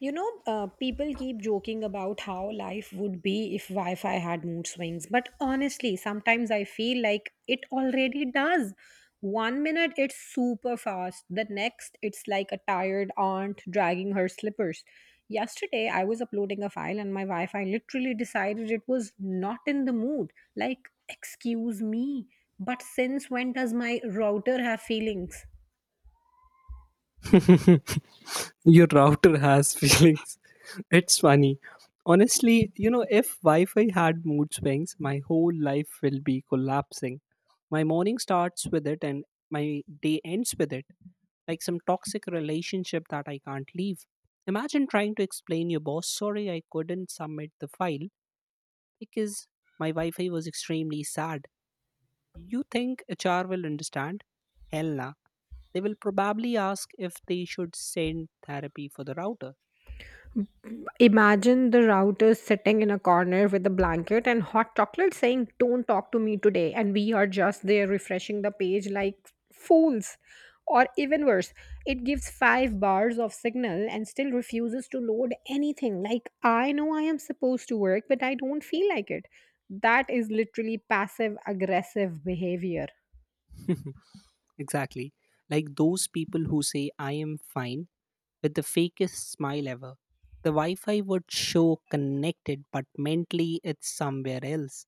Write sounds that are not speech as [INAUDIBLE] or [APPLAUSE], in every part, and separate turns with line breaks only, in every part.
You know, people keep joking about how life would be if Wi Fi had mood swings. But honestly, sometimes I feel like it already does. One minute it's super fast, the next it's like a tired aunt dragging her slippers. Yesterday, I was uploading a file and my Wi Fi literally decided it was not in the mood. Like, excuse me, but since when does my router have feelings?
[LAUGHS] Your router has feelings. [LAUGHS] It's funny. Honestly, you know, if Wi Fi had mood swings, my whole life will be collapsing. My morning starts with it and my day ends with it, like some toxic relationship that I can't leave. Imagine trying to explain your boss, sorry, I couldn't submit the file because my Wi Fi was extremely sad. You think HR will understand? Hell nah. They will probably ask if they should send therapy for the router.
Imagine the router sitting in a corner with a blanket and hot chocolate saying, don't talk to me today. And we are just there refreshing the page like fools. Or even worse, it gives five bars of signal and still refuses to load anything. Like, I know I am supposed to work, but I don't feel like it. That is literally passive aggressive behavior.
[LAUGHS] Exactly. Like those people who say, I am fine with the fakest smile ever. The Wi Fi would show connected, but mentally it's somewhere else.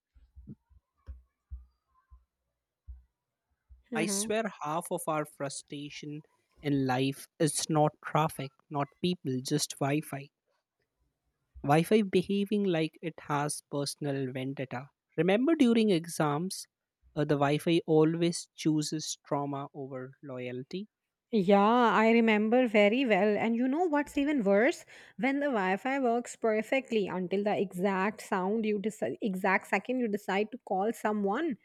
I swear half of our frustration in life is not traffic, not people, just Wi Fi. Wi Fi behaving like it has personal vendetta. Remember during exams, the Wi Fi always chooses trauma over loyalty?
Yeah, I remember very well. And you know what's even worse? When the Wi-Fi works perfectly until the exact sound you decide, exact second you decide to call someone,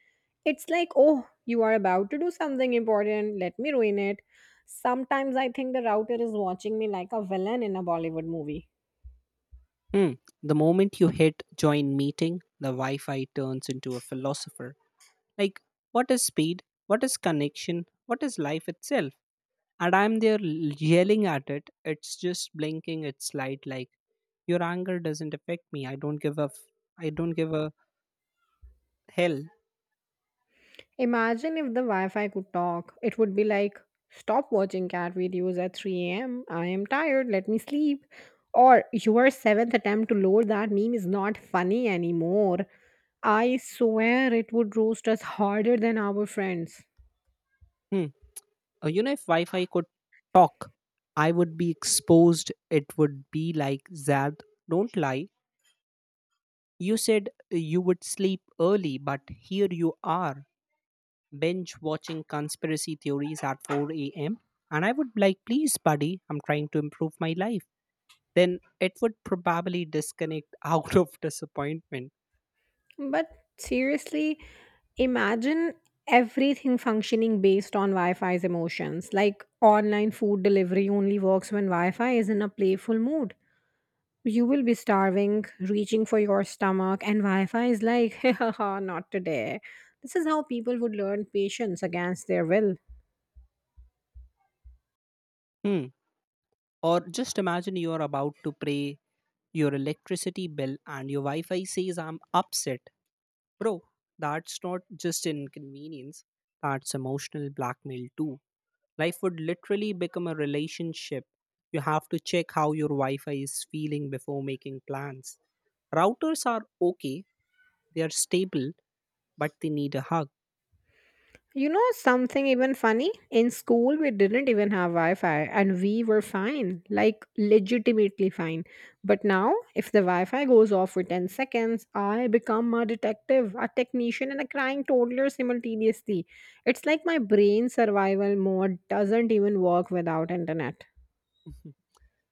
it's like, oh, you are about to do something important. Let me ruin it. Sometimes I think the router is watching me like a villain in a Bollywood movie.
Hmm. The moment you hit join meeting, the Wi Fi turns into a philosopher. Like, what is speed? What is connection? What is life itself? And I'm there yelling at it. It's just blinking its light like, your anger doesn't affect me. I don't give a, I don't give a hell.
Imagine if the Wi Fi could talk. It would be like, stop watching cat videos at 3 am. I am tired. Let me sleep. Or, your seventh attempt to load that meme is not funny anymore. I swear it would roast us harder than our friends.
Hmm. If Wi Fi could talk, I would be exposed. It would be like, Zad, don't lie. You said you would sleep early, but here you are, binge watching conspiracy theories at 4 a.m. And I would be like, please, buddy, I'm trying to improve my life. Then it would probably disconnect [LAUGHS] out of disappointment.
But seriously, imagine everything functioning based on Wi Fi's emotions. Like online food delivery only works when Wi Fi is in a playful mood. You will be starving, reaching for your stomach, and Wi Fi is like, [LAUGHS] not today. This is how people would learn patience against their will.
Hmm. Or just imagine you are about to pay your electricity bill and your Wi Fi says, I'm upset. Bro, that's not just inconvenience, that's emotional blackmail too. Life would literally become a relationship. You have to check how your Wi Fi is feeling before making plans. Routers are okay, they are stable, but they need a hug.
You know something even funny? In school, we didn't even have Wi Fi and we were fine, like legitimately fine. But now, if the Wi Fi goes off for 10 seconds, I become a detective, a technician, and a crying toddler simultaneously. It's like my brain survival mode doesn't even work without internet.
[LAUGHS]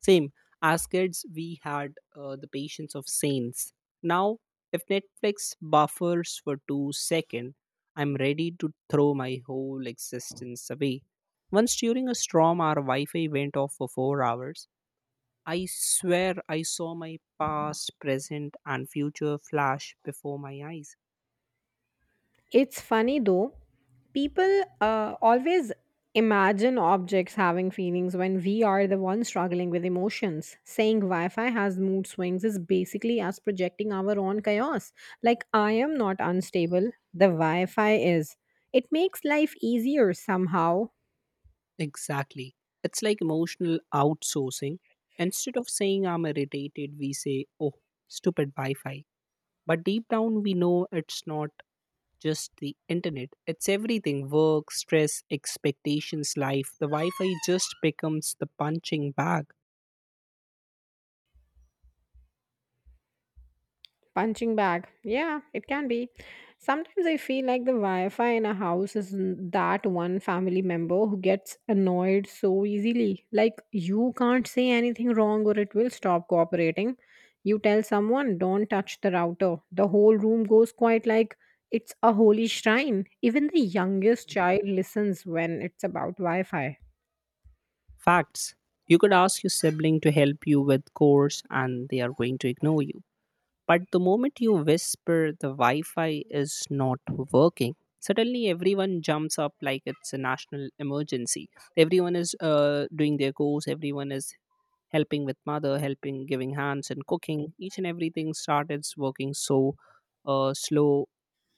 Same. As kids, we had the patience of saints. Now, if Netflix buffers for 2 seconds, I'm ready to throw my whole existence away. Once during a storm, our Wi Fi went off for 4 hours. I swear I saw my past, present, and future flash before my eyes.
It's funny though, people always imagine objects having feelings when we are the ones struggling with emotions. Saying Wi Fi has mood swings is basically us projecting our own chaos. Like, I am not unstable, the Wi Fi is. It makes life easier somehow.
Exactly. It's like emotional outsourcing. Instead of saying I'm irritated, we say, oh, stupid Wi Fi. But deep down, we know it's not just the internet, it's everything, work, stress, expectations, life. The Wi Fi just becomes the punching bag.
Punching bag. Yeah, it can be. Sometimes I feel like the Wi Fi in a house is that one family member who gets annoyed so easily. Like, you can't say anything wrong or it will stop cooperating. You tell someone, don't touch the router. The whole room goes quiet like it's a holy shrine. Even the youngest child listens when it's about Wi Fi.
Facts. You could ask your sibling to help you with chores, and they are going to ignore you. But the moment you whisper the Wi Fi is not working, suddenly everyone jumps up like it's a national emergency. Everyone is doing their course, everyone is helping with mother, helping, giving hands, and cooking. Each and everything started working so slow.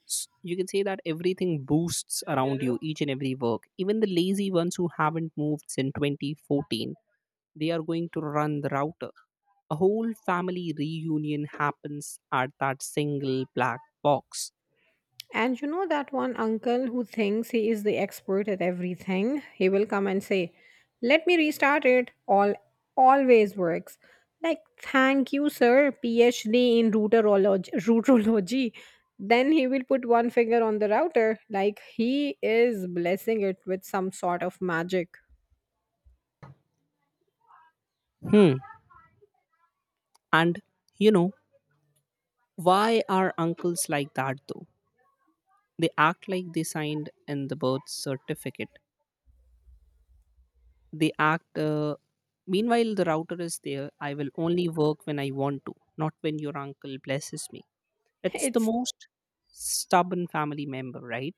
You can say that everything boosts around you, each and every work. Even the lazy ones who haven't moved since 2014, they are going to run the router. A whole family reunion happens at that single black box.
And you know that one uncle who thinks he is the expert at everything, he will come and say, "Let me restart it." All always works. Like, "Thank you, sir, PhD in routerology." Routerology. [LAUGHS] Then he will put one finger on the router like he is blessing it with some sort of magic.
Hmm. And you know, why are uncles like that though? They act like they signed in the birth certificate. They act, uh, Meanwhile, the router is there. I will only work when I want to, not when your uncle blesses me.
[LAUGHS]
It's the
It's
most stubborn family member, right?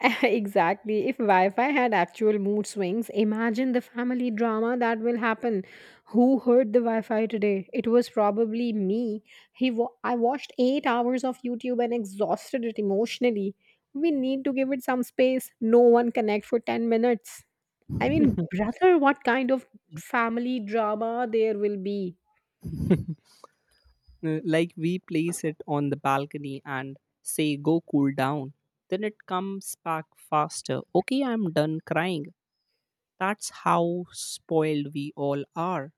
[LAUGHS] exactly. If Wi Fi had actual mood swings, imagine the family drama that will happen. Who heard the Wi Fi today? It was probably me. I watched 8 hours of YouTube and exhausted it emotionally. We need to give it some space. No one connect for 10 minutes. I mean,
[LAUGHS]
brother, what kind of family drama there will be?
Like we place it on the balcony and say go cool down, then it comes back faster, okay, I'm done crying. That's how spoiled we all are.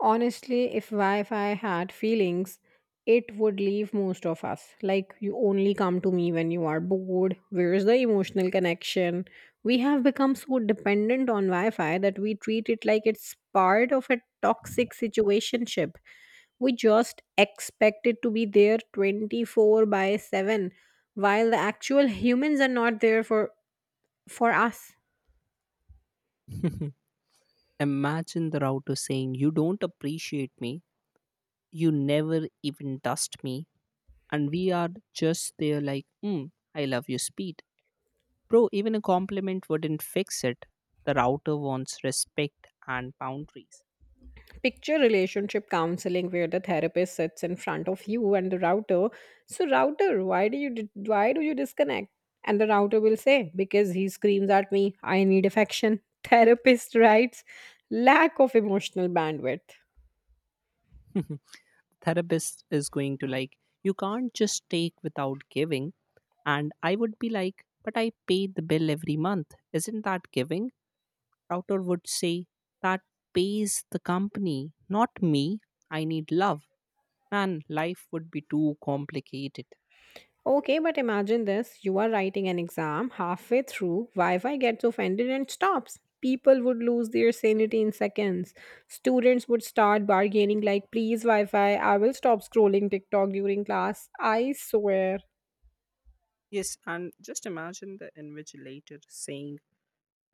Honestly, if Wi Fi had feelings, it would leave most of us. Like, you only come to me when you are bored. Where's the emotional connection? We have become so dependent on Wi Fi that we treat it like it's part of a toxic situationship. We just expect it to be there 24/7, while the actual humans are not there for us.
[LAUGHS] Imagine the router saying you don't appreciate me, you never even dust me, and we are just there like, hmm, I love your speed. Bro, even a compliment wouldn't fix it. The router wants respect and boundaries.
Picture relationship counseling where the therapist sits in front of you and the router. So router, why do you disconnect? And the router will say, because he screams at me, I need affection. [LAUGHS] Therapist writes, lack of emotional bandwidth.
[LAUGHS] Therapist is going to like, you can't just take without giving. And I would be like, but I pay the bill every month, isn't that giving? Router would say that pays the company, not me, I need love. Man, life would be too complicated.
Okay, but imagine this. You are writing an exam halfway through, Wi Fi gets offended and stops. People would lose their sanity in seconds. Students would start bargaining, like, please, Wi Fi, I will stop scrolling TikTok during class. I swear.
Yes, and just imagine the invigilator saying,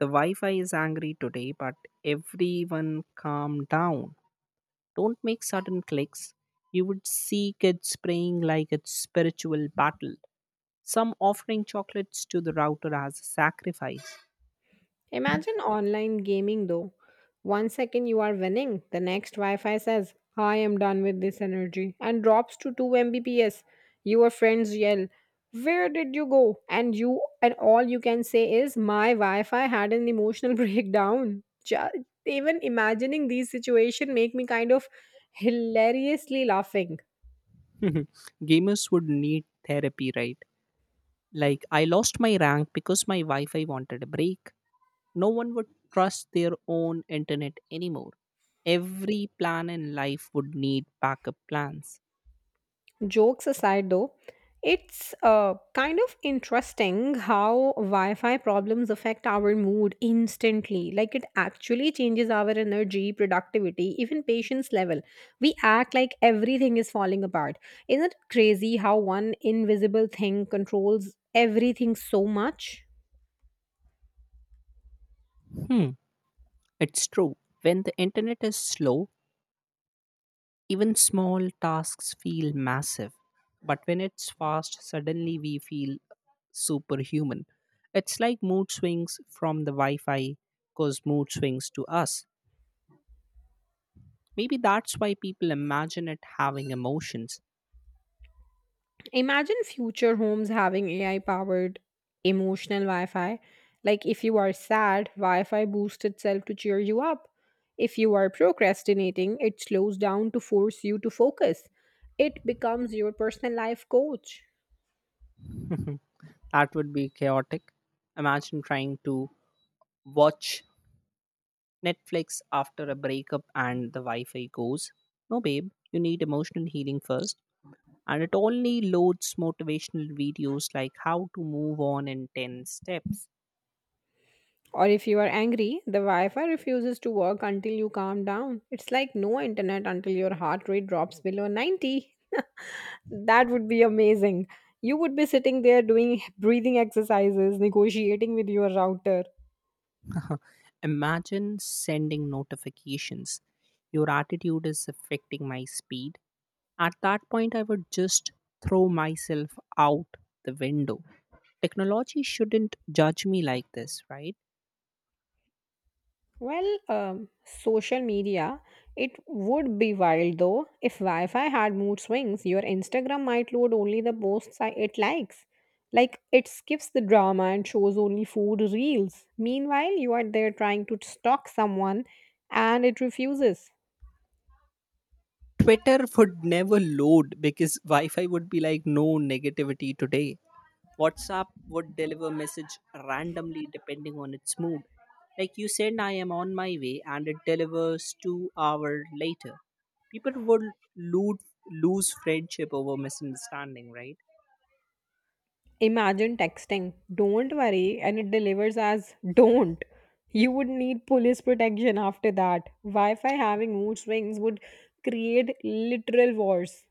the Wi-Fi is angry today, but everyone calm down. Don't make sudden clicks. You would see kids praying like it's spiritual battle. Some offering chocolates to the router as a sacrifice.
Imagine online gaming though. One second you are winning, the next Wi Fi says, I am done with this energy, and drops to 2 Mbps. Your friends yell, where did you go? And you, and all you can say is, my Wi Fi had an emotional [LAUGHS] breakdown. Even imagining these situation make me kind of hilariously laughing.
[LAUGHS] Gamers would need therapy, right? Like I lost my rank because my Wi-Fi wanted a break. No one would trust their own internet anymore. Every plan in life would need backup plans.
Jokes aside, though, it's kind of interesting how Wi Fi problems affect our mood instantly. Like, it actually changes our energy, productivity, even patience level. We act like everything is falling apart. Isn't it crazy how one invisible thing controls everything so much?
Hmm, it's true. When the internet is slow, even small tasks feel massive, but when it's fast, suddenly we feel superhuman. It's like mood swings from the Wi Fi cause mood swings to us. Maybe that's why people imagine it having emotions.
Imagine future homes having AI powered emotional Wi Fi. Like, if you are sad, Wi Fi boosts itself to cheer you up. If you are procrastinating, it slows down to force you to focus. It becomes your personal life coach.
[LAUGHS] That would be chaotic. Imagine trying to watch Netflix after a breakup and the Wi Fi goes, no, babe, you need emotional healing first. And it only loads motivational videos like how to move on in 10 steps.
Or if you are angry, the Wi Fi refuses to work until you calm down. It's like no internet until your heart rate drops below 90. That would be amazing. You would be sitting there doing breathing exercises, negotiating with your router.
[LAUGHS] Imagine sending notifications. Your attitude is affecting my speed. At that point, I would just throw myself out the window. Technology shouldn't judge me like this, right?
Well, social media, it would be wild though. If Wi Fi had mood swings, your Instagram might load only the posts it likes. Like, it skips the drama and shows only food reels. Meanwhile, you are there trying to stalk someone and it refuses.
Twitter would never load because Wi Fi would be like, no negativity today. WhatsApp would deliver message randomly depending on its mood. Like you send I am on my way and it delivers 2 hour later. People would lose lose friendship over misunderstanding, right?
Imagine texting, don't worry, and it delivers as don't. You would need police protection after that. Wi Fi having mood swings would create literal wars.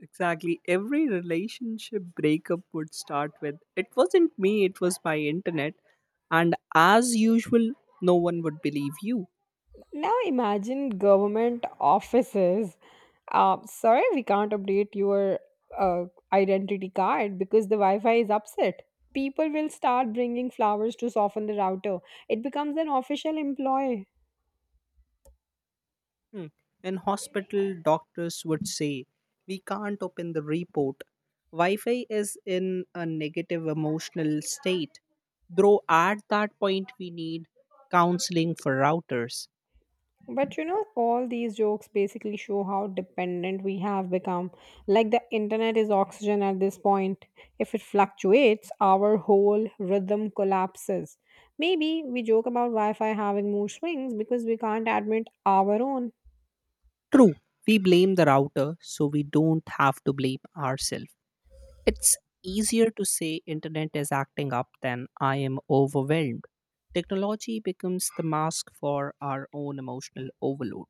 Exactly. Every relationship breakup would start with it wasn't me, it was my internet, and as usual no one would believe you.
Now imagine government offices. Sorry, we can't update your uh, identity card because the Wi Fi is upset. People will start bringing flowers to soften the router. It becomes an official employee.
Hmm. In hospital, doctors would say, we can't open the report. Wi Fi is in a negative emotional state. Though at that point, we need counseling for routers.
But you know, all these jokes basically show how dependent we have become. Like, the internet is oxygen at this point. If it fluctuates, our whole rhythm collapses. Maybe we joke about Wi Fi having mood swings because we can't admit our own.
True, we blame the router, so we don't have to blame ourselves. It's easier to say internet is acting up than I am overwhelmed. Technology becomes the mask for our own emotional overload.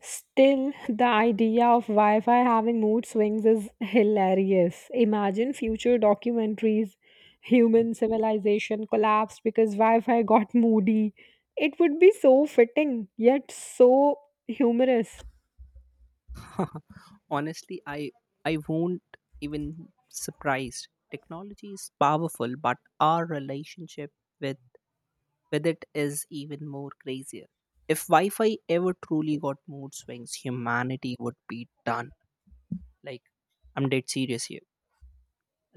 Still, the idea of Wi Fi having mood swings is hilarious. Imagine future documentaries, human civilization collapsed because Wi Fi got moody. It would be so fitting, yet so humorous.
[LAUGHS] Honestly, I won't even surprised. Technology is powerful, but our relationship with with it is even more crazier. If Wi-Fi ever truly got mood swings, humanity would be done. Like I'm dead serious here.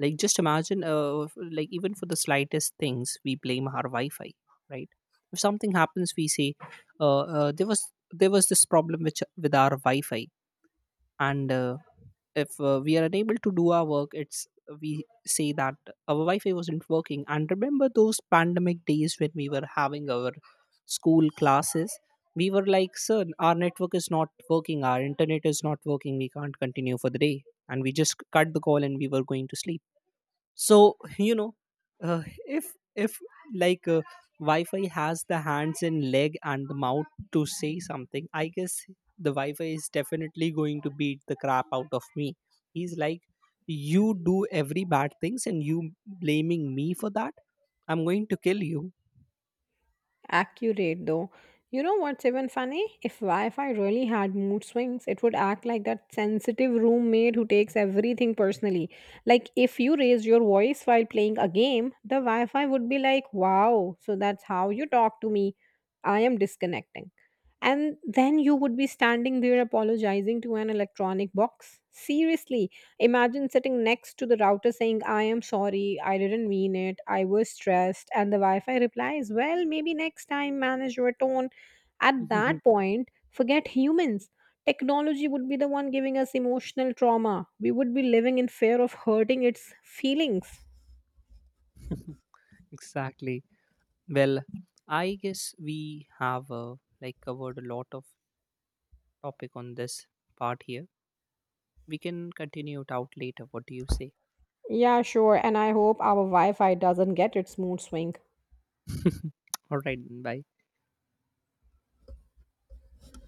Like just imagine, like even for the slightest things, we blame our Wi-Fi, right? If something happens, we say, there was this problem which with our Wi-Fi. And if we are unable to do our work, it's, we say that our wi-fi wasn't working. And remember those pandemic days when we were having our school classes, we were like, sir, our network is not working, our internet is not working, we can't continue for the day, and we just cut the call and we were going to sleep. So [LAUGHS] you know, if like wi-fi has the hands and leg and the mouth to say something, I guess the wi-fi is definitely going to beat the crap out of me. He's like, you do every bad things and you blaming me for that, I'm going to kill you.
Accurate though. You know what's even funny? If Wi Fi really had mood swings, it would act like that sensitive roommate who takes everything personally. Like, if you raise your voice while playing a game, the Wi Fi would be like, wow, so that's how you talk to me. I am disconnecting. And then you would be standing there apologizing to an electronic box. Seriously, imagine sitting next to the router saying, I am sorry, I didn't mean it, I was stressed, and the Wi Fi replies, well, maybe next time manage your tone. At that point, forget humans. Technology would be the one giving us emotional trauma. We would be living in fear of hurting its feelings.
[LAUGHS] Exactly. Well, I guess we have like covered a lot of topic on this part here. We can continue it out later, what do you say?
Yeah, sure, and I hope our Wi Fi doesn't get its mood swing.
[LAUGHS] All right, bye.